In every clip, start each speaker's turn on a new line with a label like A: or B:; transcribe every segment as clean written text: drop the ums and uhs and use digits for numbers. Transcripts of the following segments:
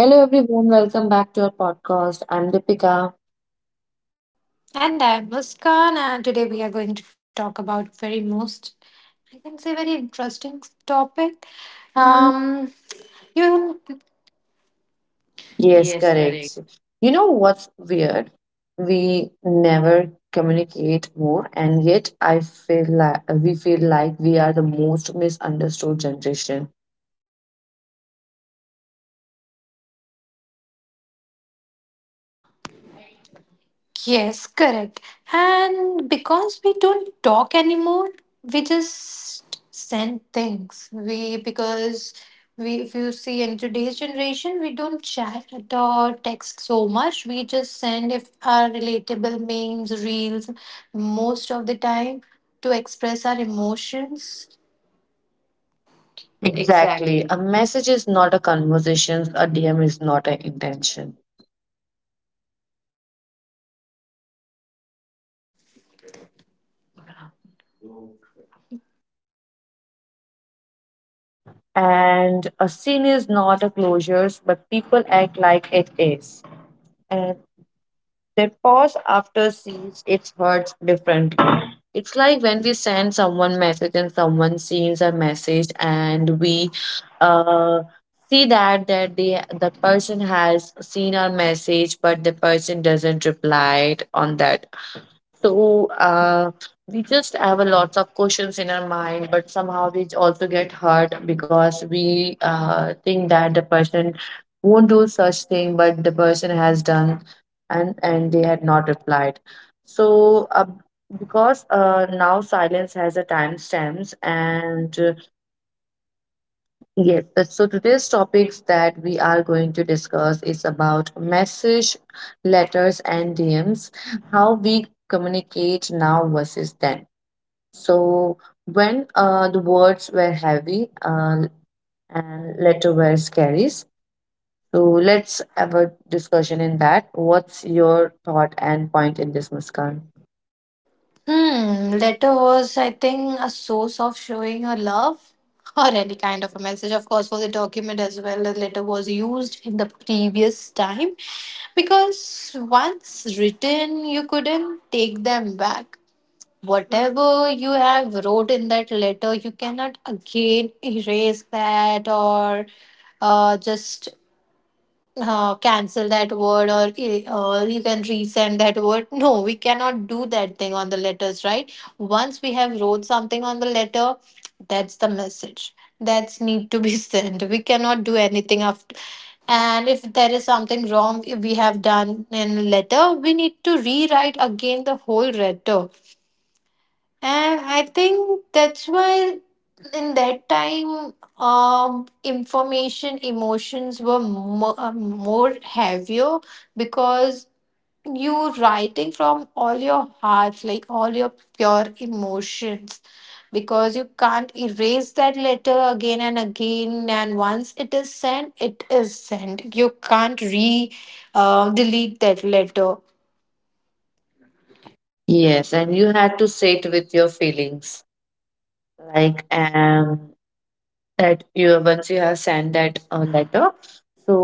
A: Hello, everyone. Welcome back to our podcast. I'm Deepika.
B: And I'm Muskan, and today we are going to talk about very most, I can say, very interesting topic.
A: Um,
B: Um, you
A: yes, correct. You know what's weird? We never communicate more, and yet I feel like we are the most misunderstood generation.
B: yes, correct. And because we don't talk anymore, we just send things. We because we if you see in today's generation, we don't chat or text so much. We just send if our relatable memes, reels, most of the time to express our emotions.
A: Exactly. A message is not a conversation. A DM is not an intention. And a scene is not a closure, but people act like it is. And their pause after scenes, it hurts differently. It's like when we send someone message and someone sees a message and we uh, see that the person has seen our message, but the person doesn't reply it on that. So uh, we just have a lots of questions in our mind, but somehow we also get hurt because we think that the person won't do such thing, but the person has done, and they had not replied. So uh, because now silence has a timestamps and Yes, but so today's topics that we are going to discuss is about message, letters, and DMs, how we communicate now versus then. So when the words were heavy and letter were carries. So let's have a discussion in that. What's your thought and point in this, Muskan?
B: Hmm, letter was, I think, a source of showing her love or any kind of a message. Of course, for the document as well, the letter was used in the previous time because once written, you couldn't take them back. Whatever you have wrote in that letter, you cannot again erase that, or just cancel that word, or you can resend that word. No, we cannot do that thing on the letters, right? Once we have wrote something on the letter, that's the message that's need to be sent. We cannot do anything after. And if there is something wrong we have done in letter, we need to rewrite again the whole letter. And I think that's why in that time, information emotions were more heavier, because you writing from all your heart, like all your pure emotions, because you can't erase that letter again and again, and once it is sent it is sent, you can't re delete that letter.
A: Yes, and you had to say it with your feelings, like, that you once you have sent that letter. So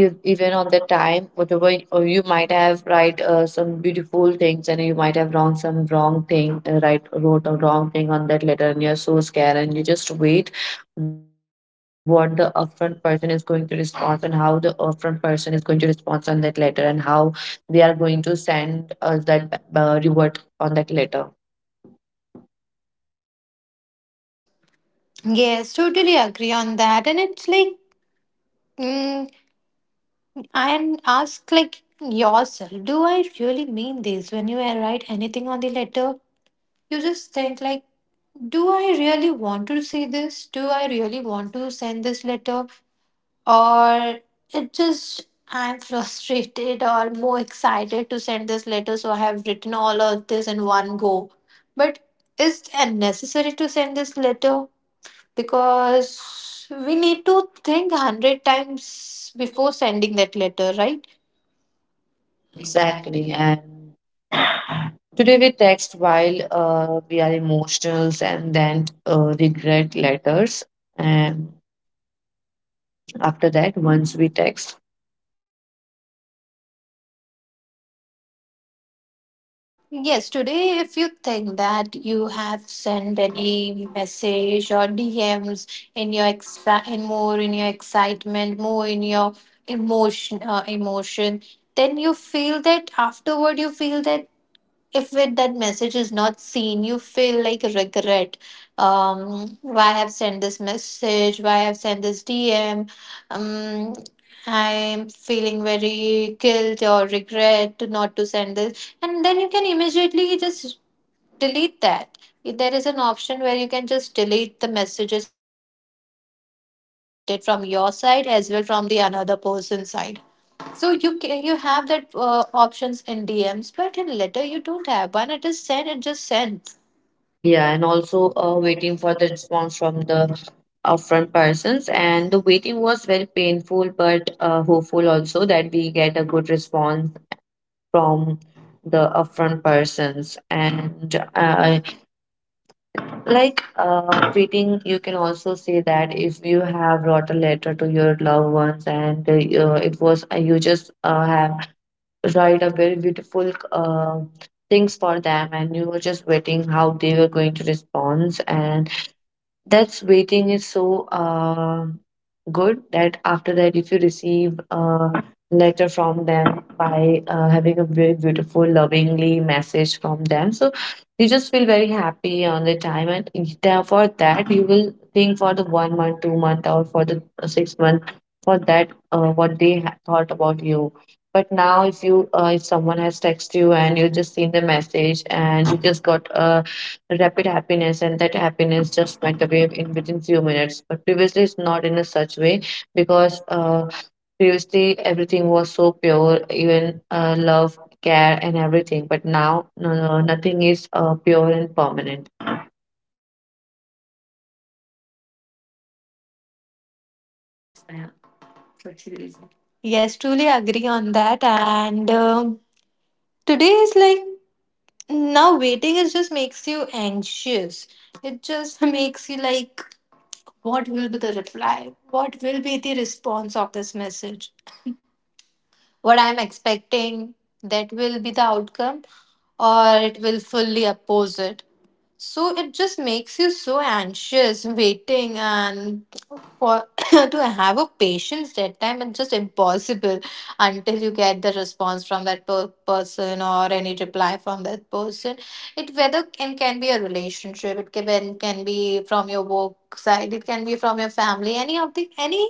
A: even on the time, whatever y- or you might have write some beautiful things, and you might have wrong some wrong thing, wrote a wrong thing on that letter, and you're so scared, and you just wait what the upfront person is going to respond, and how the upfront person is going to respond on that letter, and how they are going to send us that reward on that letter.
B: Yes, totally agree on that. And it's like, mm, and ask like yourself, do I really mean this? When you write anything on the letter, you just think like, do I really want to see this? Do I really want to send this letter? Or it just I'm frustrated or more excited to send this letter, so I have written all of this in one go. But is it necessary to send this letter? Because we need to think 100 times before sending that letter, right?
A: Exactly. And today we text while we are emotional and then regret letters. And after that, once we text,
B: Yes, today, if you think that you have sent any message or DMs in your extra, in more in your excitement, more in your emotion, then you feel that afterward, you feel that if it, that message is not seen, you feel like regret. Why I have sent this message? Why I have sent this DM? um I'm feeling very guilt or regret to not to send this, and then you can immediately just delete that. If there is an option where you can just delete the messages and it can be deleted from your side as well from the another person's side, so you have that options in DMs, but in letter you don't have. When it is sent, it just sent.
A: yeah, and also waiting for the response from the upfront persons. And the waiting was very painful, but hopeful also, that we get a good response from the upfront persons. And Quitting, you can also say, that if you have wrote a letter to your loved ones, and it was you just have write a very beautiful things for them, and you were just waiting how they were going to respond, and that's waiting is so good, that after that, if you receive a letter from them by having a very beautiful, lovingly message from them, so you just feel very happy on the time, and for that you will think for the 1 month, 2 month, or for the 6 month, for that what they thought about you. But now, if you if someone has texted you, and you just seen the message, and you just got a rapid happiness, and that happiness just went away in within few minutes. But previously it's not in a such way, because previously everything was so pure, even love, care and everything. But now, no, no, nothing is pure and permanent.
B: Yes, truly agree on that. And today is like now waiting is just makes you anxious. It just makes you like, what will be the reply? What will be the response of this message? What I'm expecting, that will be the outcome, or it will fully oppose it. So it just makes you so anxious waiting, and for to have a patience that time, it's just impossible until you get the response from that person or any reply from that person. It whether can be a relationship, it can be from your work side, it can be from your family, any of the any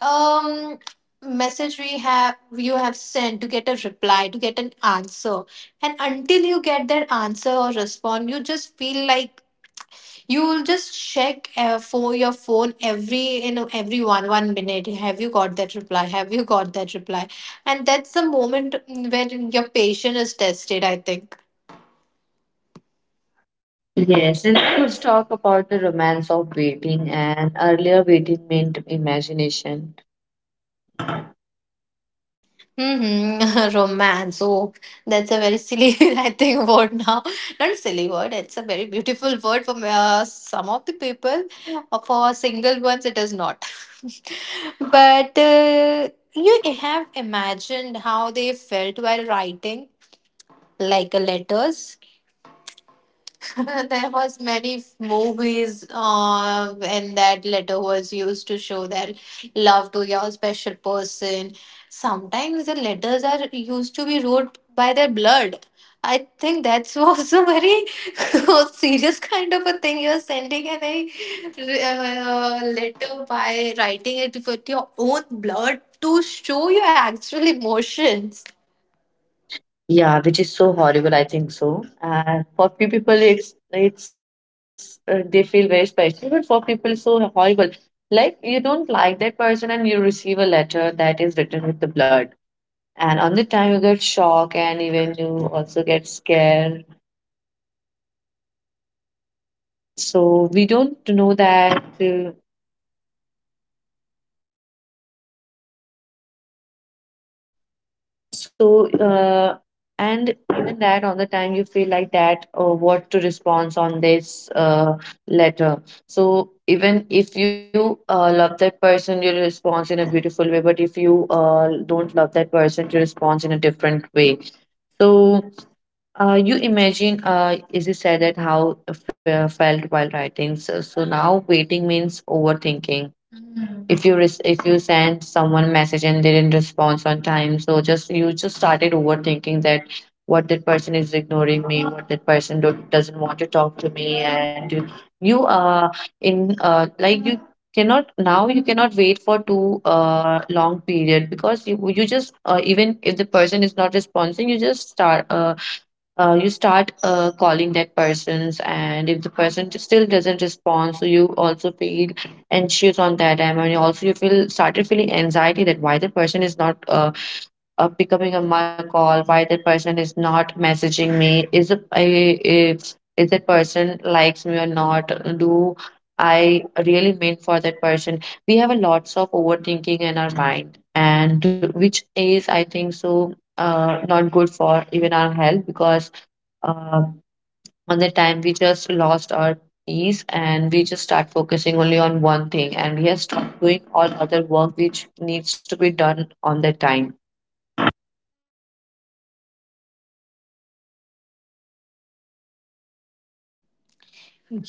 B: um message we have you have sent to get a reply, to get an answer. And until you get that answer or respond, you just feel like you will just check for your phone every you know every one minute, have you got that reply, have you got that reply? And that's the moment when your patience is tested, I think.
A: Yes, and then let's talk about the romance of waiting. And earlier, waiting meant imagination.
B: Mhm. Romance. Oh, that's a very silly, I think, word now. Not a silly word. It's a very beautiful word for some of the people. For single ones, it is not. But you have imagined how they felt while writing, like letters. There was many movies when that letter was used to show that love to your special person. Sometimes the letters are used to be wrote by their blood. I think that's also very serious kind of a thing you're sending, and a letter by writing it with your own blood to show your actual emotions.
A: Yeah, which is so horrible, I think so. And for few people, it's they feel very special, but for people, it's so horrible. Like you don't like that person, and you receive a letter that is written with the blood, and on the time you get shock, and even you also get scared. So we don't know that So, uh, and even that on the time you feel like that, or what to respond on this letter. So, even if you love that person, you respond in a beautiful way. But if you don't love that person, you respond in a different way. So, you imagine, is it said that how felt while writing? So now waiting means overthinking. If if you send someone message and they didn't respond on time, so just you just started overthinking that, what, that person is ignoring me, what, that person doesn't want to talk to me. And you are in like you cannot, now you cannot wait for too long period, because you just even if the person is not responding, you just start you start calling that persons, and if the person just still doesn't respond, so you also feel anxious on that time, and you also you feel started feeling anxiety, that why the person is not picking up my call, why the person is not messaging me, is if is that person likes me or not, do I really meant for that person. We have a lots of overthinking in our mind, and which is I think not good for even our health, because um, on the time we just lost our peace, and we just start focusing only on one thing, and we have stopped doing all other work which needs to be done on the time.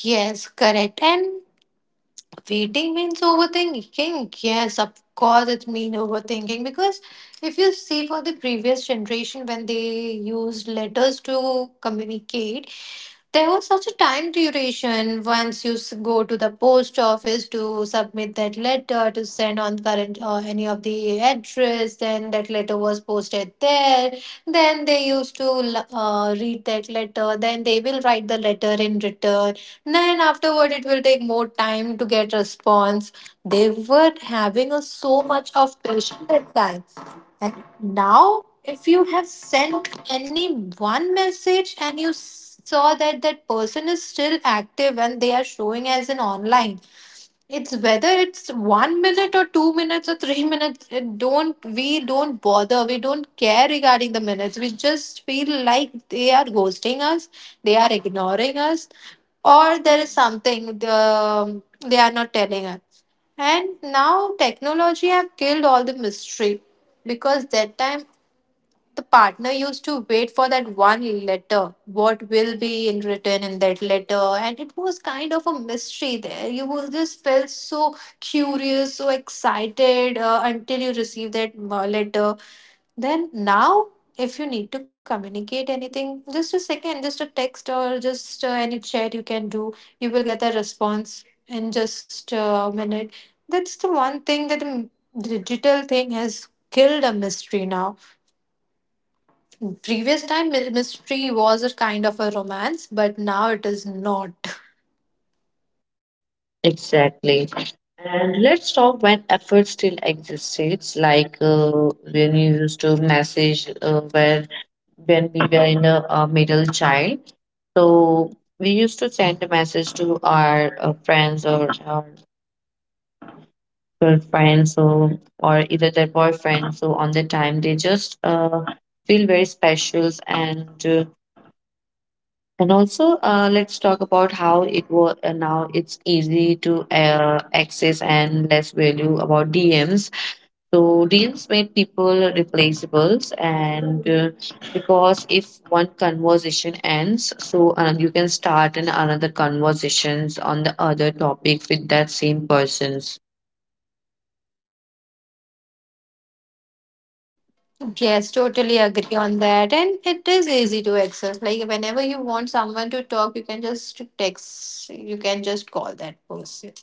B: Yes, correct. And waiting means overthinking. Yes, of course, it's mean overthinking because if you see for the previous generation when they used letters to communicate, there was such a time duration. Once you go to the post office to submit that letter, to send on current or any of the address, then that letter was posted there, then they used to read that letter, then they will write the letter in return, then afterward, it will take more time to get response. They were having a so much of patience at times. And now if you have sent any one message and you saw that that person is still active and they are showing as an online, it's whether it's 1 minute or 2 minutes or 3 minutes. It don't, we don't bother. We don't care regarding the minutes. We just feel like they are ghosting us. They are ignoring us, or there is something the, they are not telling us. And now technology have killed all the mystery, because that time the partner used to wait for that one letter. What will be in written in that letter? And it was kind of a mystery there. You will just felt so curious, so excited until you receive that letter. Then now, if you need to communicate anything, just a second, just a text, or just any chat you can do, you will get a response in just a minute. That's the one thing that digital thing has killed a mystery now. Previous time, mystery was a kind of a romance, but now it is not.
A: Exactly. And let's talk when effort still exists, like when you used to message where when we were in a, middle child. So we used to send a message to our friends or our girlfriend, so or either their boyfriend, so on their time they just feel very specials. And also let's talk about how it was. Now it's easy to access and less value about dms. So dms made people replaceables, and because if one conversation ends, so you can start in another conversations on the other topic with that same persons.
B: Yes, totally agree on that. And it is easy to access. Like whenever you want someone to talk, you can just text, you can just call that person.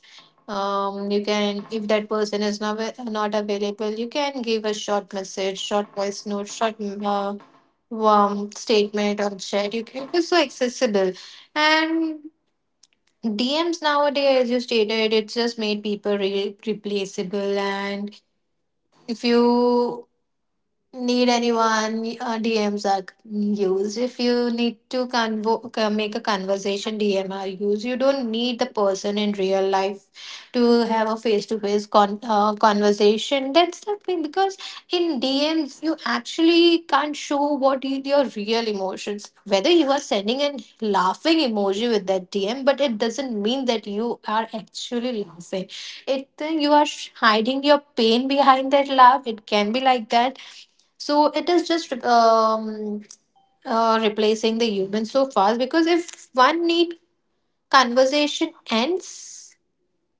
B: You can, if that person is not available, you can give a short message, short voice note, short statement or chat. You can, it's so accessible. And DMs nowadays, as you stated, it's just made people replaceable. And if you need anyone, DMs are used. If you need to make a conversation, DM are used. You don't need the person in real life to have a face-to-face conversation. That's the thing, because in DMs you actually can't show what your real emotions. Whether you are sending a laughing emoji with that DM, but it doesn't mean that you are actually laughing. It then you are hiding your pain behind that laugh, it can be like that. So it is just replacing the human so fast, because if one need conversation ends,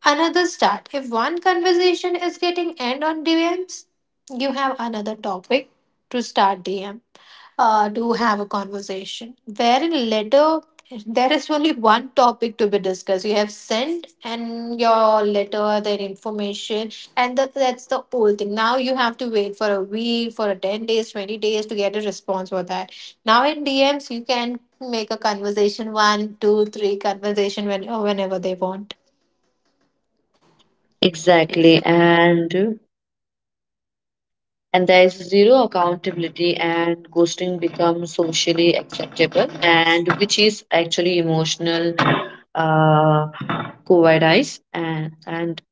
B: another start. If one conversation is getting end on DMs, you have another topic to start DM, to have a conversation. Wherein letter, there is only one topic to be discussed. You have sent and your letter, their information, and that, that's the whole thing. Now you have to wait for a week, for a 10 days, 20 days to get a response for that. Now in DMs, you can make a conversation one, two, three conversation when, whenever they want.
A: Exactly. And there is zero accountability, and ghosting becomes socially acceptable, and which is actually emotional uh cowardice. and and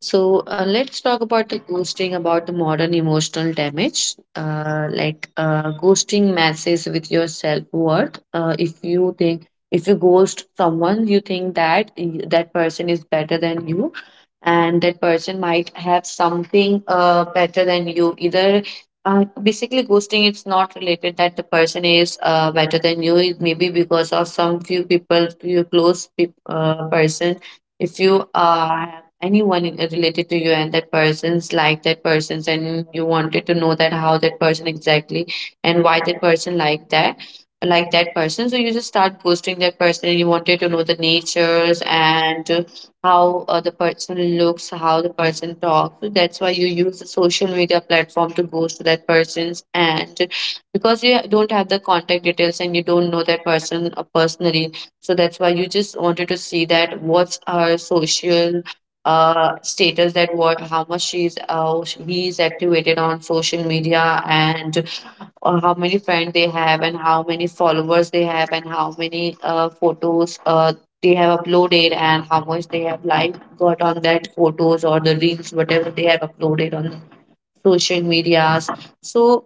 A: so uh, let's talk about the ghosting, about the modern emotional damage. Like ghosting messes with your self worth. If you think, if you ghost someone, you think that that person is better than you, and that person might have something better than you. Either basically ghosting, it's not related that the person is better than you. It may be because of some few people, your close peop person. If you have anyone related to you, and that person's like that person's, and you wanted to know that how that person exactly and why that person like that, like that person, so you just start ghosting that person, and you wanted to know the natures, and how the person looks, how the person talks, so that's why you use the social media platform to ghost that person's. And because you don't have the contact details, and you don't know that person personally, so that's why you just wanted to see that what's her social status, that what how much she's he is activated on social media, and how many friends they have, and how many followers they have, and how many photos they have uploaded, and how much they have like got on that photos or the reels, whatever they have uploaded on social medias. So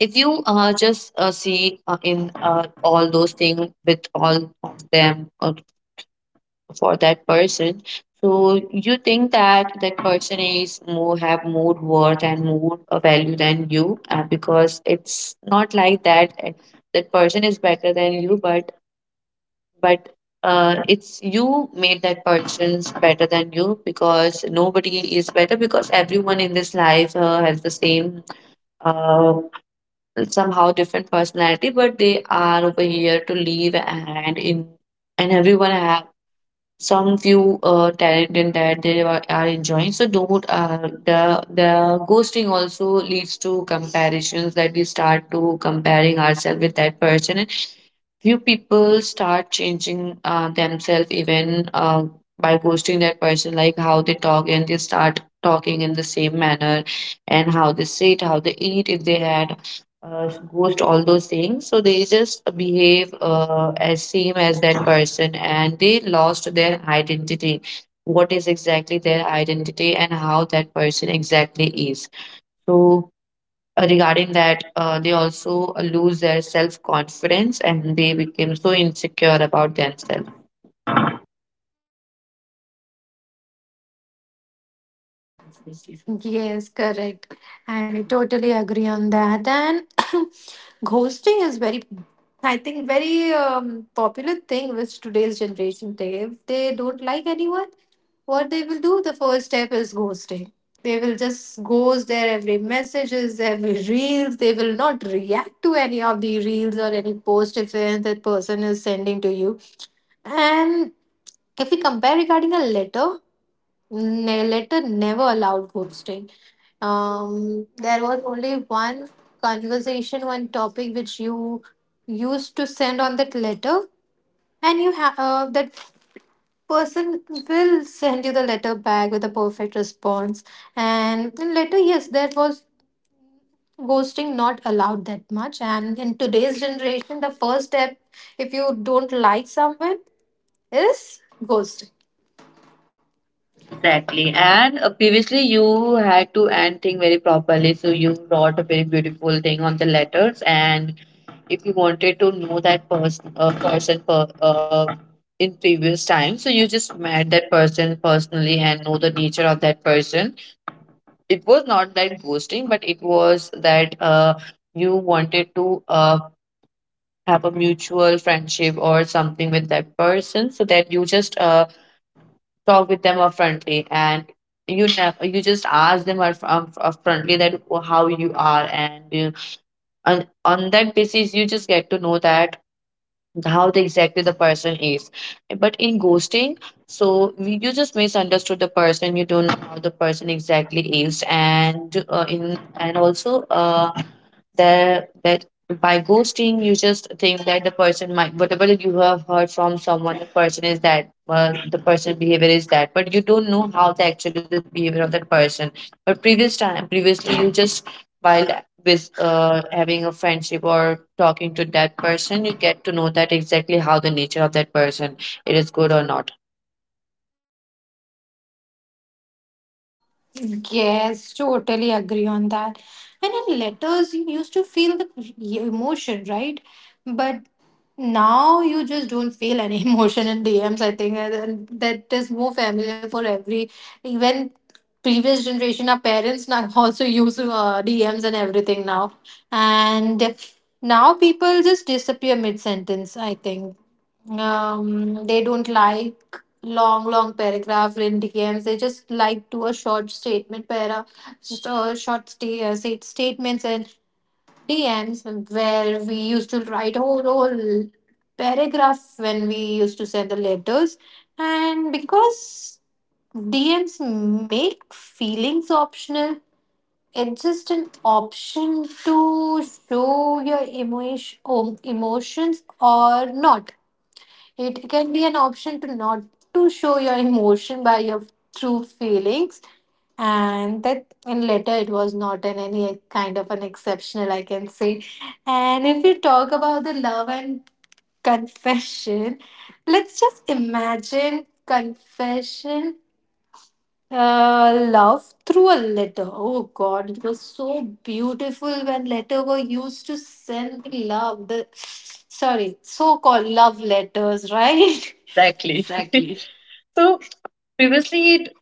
A: if you just see in all those things with all of them for that person, so you think that, that person is more, have more worth and more value than you, because it's not like that that person is better than you, but it's you made that person's better than you, because nobody is better, because everyone in this life has the same uh, somehow different personality, but they are over here to live, and everyone have some few talent in that are enjoying. So don't the ghosting also leads to comparisons that we start to comparing ourselves with that person. Few people start changing themselves even by ghosting that person, like how they talk, and they start talking in the same manner, and how they sit, how they eat, if they had ghost all those things, so they just behave as same as that person and they lost their identity, what is exactly their identity and how that person exactly is. So regarding that, they also lose their self confidence and they became so insecure about themselves.
B: Yes, correct. And I totally agree on that. And ghosting is very, I think, very popular thing which today's generation take. If they don't like anyone, what they will do, the first step is ghosting. They will just ghost their every messages, every reels. They will not react to any of the reels or any post if that person is sending to you. And if we compare regarding a letter, letter never allowed ghosting. There was only one conversation, one topic which you used to send on that letter, and you have that person will send you the letter back with a perfect response. And in letter, yes, there was ghosting not allowed that much. And in today's generation, the first step, if you don't like someone, is ghosting.
A: Exactly, and previously you had to end thing very properly, so you wrote a very beautiful thing on the letters. And if you wanted to know that person, in previous time, so you just met that person personally and know the nature of that person. It was not that ghosting, but it was that, you wanted to have a mutual friendship or something with that person, so that you just talk with them upfrontly. And you never you just ask them upfrontly that how you are, and on that basis you just get to know that how the, exactly the person is. But in ghosting, so you just misunderstood the person, you don't know how the person exactly is, and in and also that by ghosting you just think that the person might, whatever that you have heard from someone, the person is that, well, the person behavior is that, but you don't know how the actually the behavior of that person. But previously you just, while with having a friendship or talking to that person, you get to know that exactly how the nature of that person, it is good or not.
B: Yes, totally agree on that. And in letters, you used to feel the emotion, right? But now you just don't feel any emotion in DMs, I think. And That is more familiar for every even previous generation. Our parents now also use DMs and everything now. And now people just disappear mid sentence, I think. They don't like long long paragraph in DMs. They just like do a short statement para, just a short statements and DMs where we used to write whole paragraph when we used to send the letters. And because DMs make feelings optional, it's just an option to show your emotions or not. It can be an option to not to show your emotion by your true feelings, and that in later it was not in any kind of an exceptional I can say. And if you talk about the love and confession, let's just imagine confession love through a letter. Oh God, it was so beautiful when letter were used to send love. The sorry, so-called love letters, right?
A: Exactly. So previously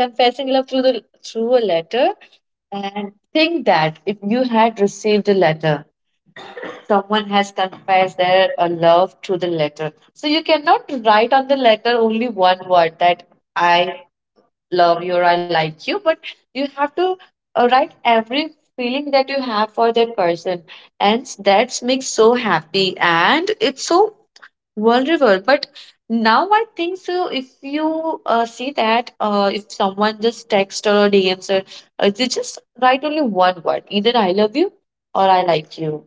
A: confessing love through the through a letter. And think that if you had received a letter, someone has confessed their love through the letter, so you cannot write on the letter only one word that I love you or I like you, but you have to write every feeling that you have for that person. And that makes so happy and it's so vulnerable. But now I think so, if you see that if someone just text or DMs, or they just write only one word, either I love you or I like you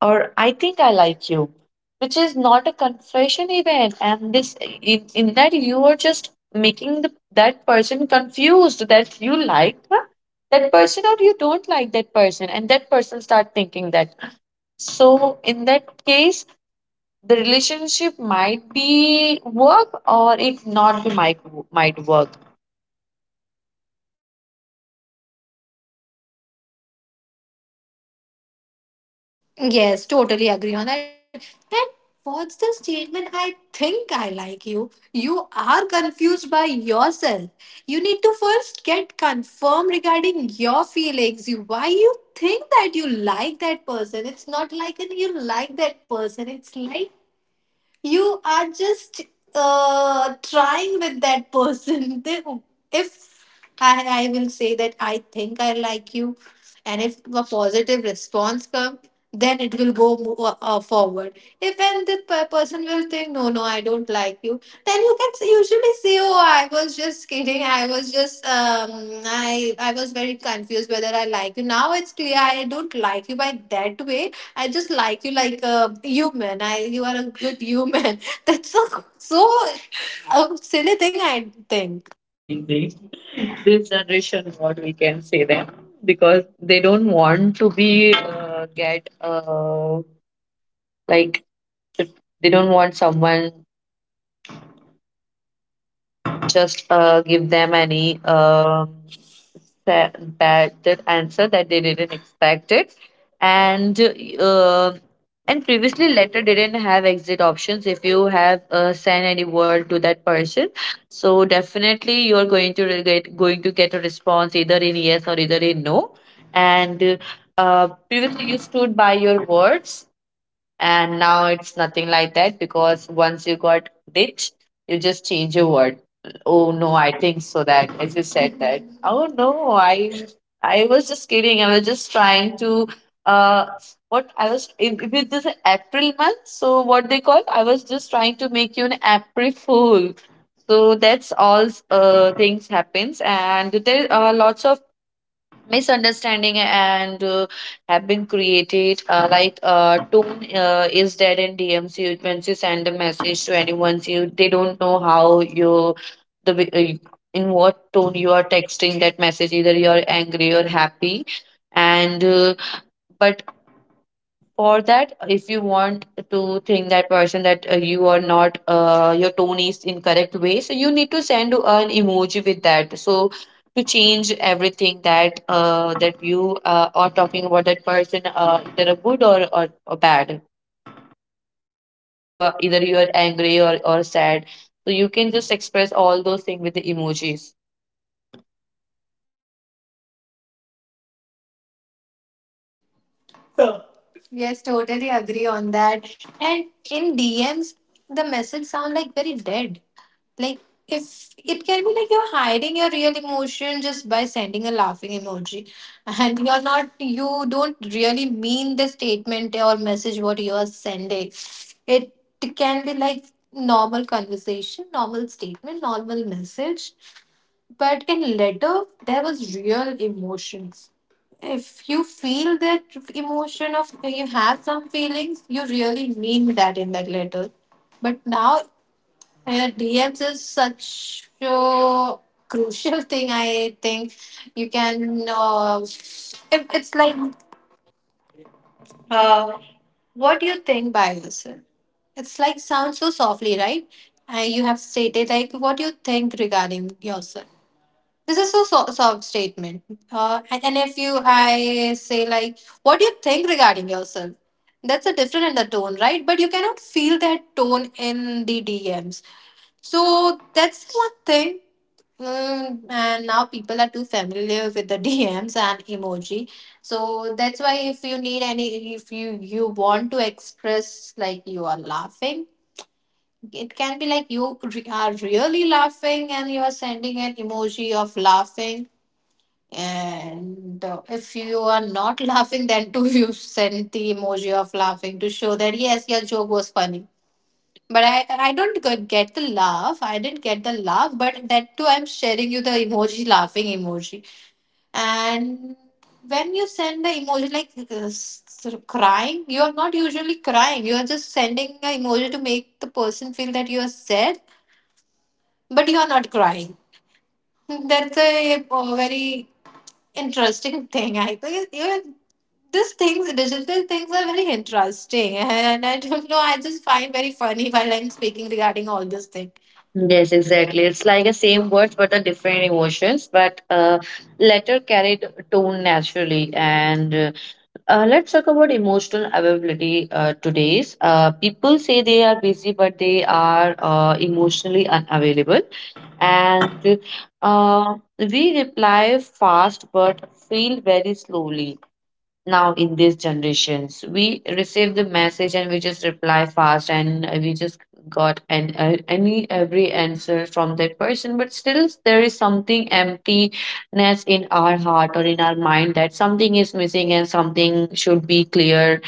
A: or I think I like you, which is not a confession even. And this in that, you are just making the, that person confused that you like, huh, that person or you don't like that person, and that person start thinking that. So in that case the relationship might be work or it not be might work.
B: Yes, totally agree on that. And what's the statement? I think I like you. You are confused by yourself. You need to first get confirmed regarding your feelings. You why you think that you like that person. It's not like an you like that person. It's like you are just trying with that person. If I will say that I think I like you, and if a positive response comes, then it will go forward. If and the person will think, no, no, I don't like you, then you can usually say, oh, I was just kidding. I was just, I was very confused whether I like you. Now it's clear I don't like you by that way I just like you like a human. I you are a good human. That's a so a silly thing I think.
A: Maybe. This generation, what we can say them, because they don't want to be get like, they don't want someone just give them any sa- bad that answer that they didn't expect it. And uh, and previously letter didn't have exit options. If you have sent any word to that person, so definitely you're going to get a response, either in yes or either in no. And previously you stood by your words, and now it's nothing like that because once you got ditch, you just change your word. Oh no, I think so, that as you said that, oh no, I was just kidding, I was just trying to uh what I was if it is an april month, so what they call, I was just trying to make you an april fool. So that's all things happens, and there are lots of misunderstanding, and have been created, tone is dead in DMs. You, once you send a message to anyone, you, they don't know how you, the way- uh, in what tone you are texting that message, either you are angry or happy. And but for that, if you want to think that person that you are not, your tone is incorrect way, so you need to send an emoji with that, so to change everything that you are talking about that person, either a good or bad, either you are, either you are angry or sad, so you can just express all those things with the emojis.
B: Yes, totally agree on that. And in DMs, the message sound like very dead. Like if it can be like you're hiding your real emotion just by sending a laughing emoji, and you don't really mean the statement or message what you are sending. It can be like normal conversation, normal statement, normal message, but in letter there was real emotion if you feel that emotion of you have some feelings you really mean that in that letter. But now DMs is such a crucial thing I think. You can if it's like uh, what do you think by yourself, it's like sounds so softly, right? And you have stated like what do you think regarding yourself. This is a soft statement. And if I say like, what do you think regarding yourself? That's a different in the tone, right? But you cannot feel that tone in the DMs. So that's one thing. And now people are too familiar with the DMs and emoji. So that's why if you need any, if you want to express like you are laughing, it can be like you are really laughing and you are sending an emoji of laughing. And if you are not laughing, then too you send the emoji of laughing to show that yes, your joke was funny. But I don't get the laugh. I didn't get the laugh, but that too I'm sharing you the emoji laughing emoji. And when you send the emoji like sort of crying, you are not usually crying. You are just sending an emoji to make the person feel that you are sad, but you are not crying. That's a, very interesting thing, I think. These things, digital things, are very interesting, and I don't know. I just find very funny while I'm speaking regarding all this thing.
A: Yes, exactly. It's like the same words but the different emotions, but letter carried tone naturally. And let's talk about emotional availability, today's, uh, people say they are busy, but they are emotionally unavailable. And we reply fast, but feel very slowly. Now in these generations we receive the message and we just reply fast, and we just got an any every answer from that person, but still there is something emptiness in our heart or in our mind, that something is missing and something should be clear.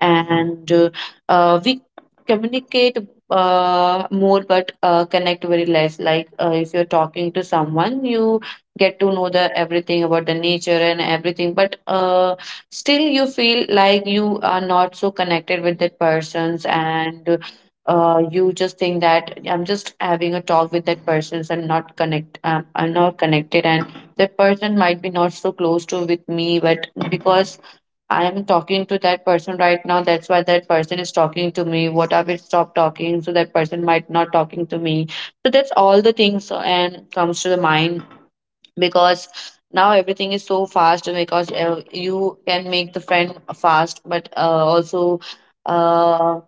A: And we communicate more, but connect very less. Like if you're talking to someone, you get to know the everything about the nature and everything, but still you feel like you are not so connected with that persons. And you just think that I'm just having a talk with that persons and not connect, I'm not connected, and that person might be not so close to with me, but because I am talking to that person right now, that's why that person is talking to me, what if it stop talking, so that person might not talking to me. So that's all the things, and comes to the mind, because now everything is so fast, because you can make the friend fast, but also uh,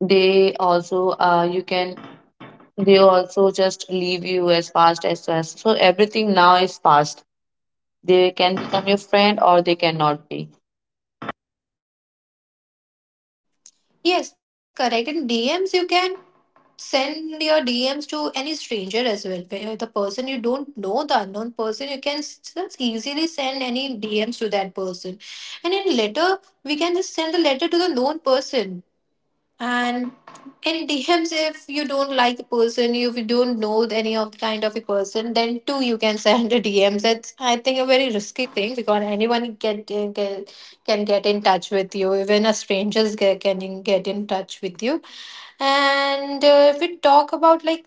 A: they also, you can, they also just leave you as fast as fast, so everything now is fast, they can become your friend or they cannot be.
B: Yes, correct. In DMs, you can send your DMs to any stranger as well. Where the person you don't know, the unknown person, you can just easily send any DMs to that person, and in letter, we can just send the letter to the known person. And it depends, if you don't like the person, if you don't know any of the kind of a person, then too you can send a DMs. That's I think a very risky thing, because anyone can get in touch with you. Even a strangers can get in touch with you. And if we talk about like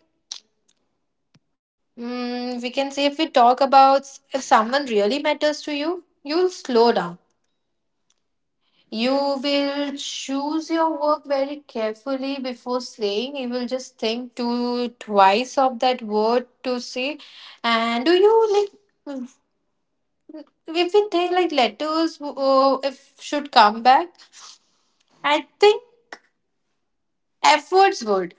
B: mm, we can say if we talk about if someone really matters to you, you'll slow down. You will choose your work very carefully before saying. You will just think to twice of that word to say. And do you like mm, if we think like letters if should come back? I think efforts would.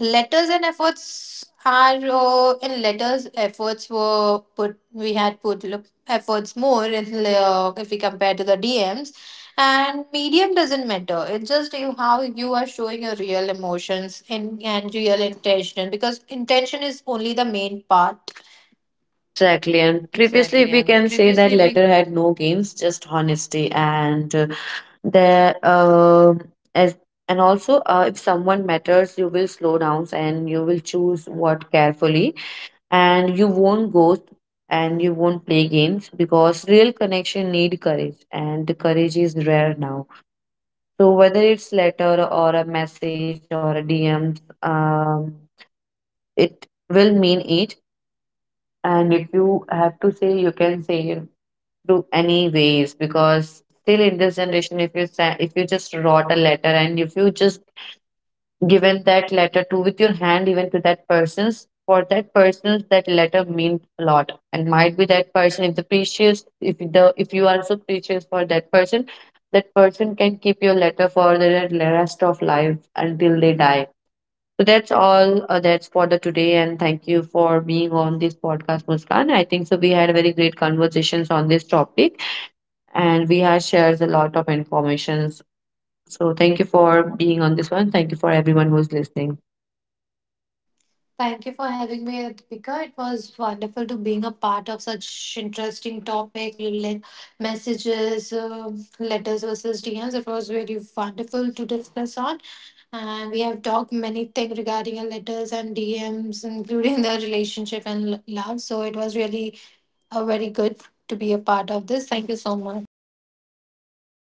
B: Letters and efforts are in letters efforts were put, we had put efforts more in, if we compare to the DMs. And medium doesn't matter, it's just you how you are showing your real emotions and real intention, because intention is only the main part.
A: Exactly, and previously we can say that letter had no games, just honesty. And there as and also, if someone matters, you will slow down and you will choose what carefully, and you won't ghost, and you won't play games, because real connection need courage, and the courage is rare now. So whether it's letter or a message or a DM, it will mean it, and if you have to say you can say it through any ways. Because still in this generation, if you just wrote a letter, and if you just given that letter to with your hand even to that person's for that person's, that letter meant a lot, and might be that person, if the precious if the if you are so precious for that person, that person can keep your letter for the rest of life until they die. So that's all, that's for the today, and thank you for being on this podcast, Muskan. I think so we had very great conversations on this topic, and we have shared a lot of informations. So thank you for being on this one. Thank you for everyone who's listening.
B: Thank you for having me, Deepika. It was wonderful to being a part of such interesting topic. Messages letters versus DMs, it was very wonderful to discuss on. And we have talked many things regarding our letters and DMs, including the relationship and love. So it was really a very good to be a part of this. Thank you so much.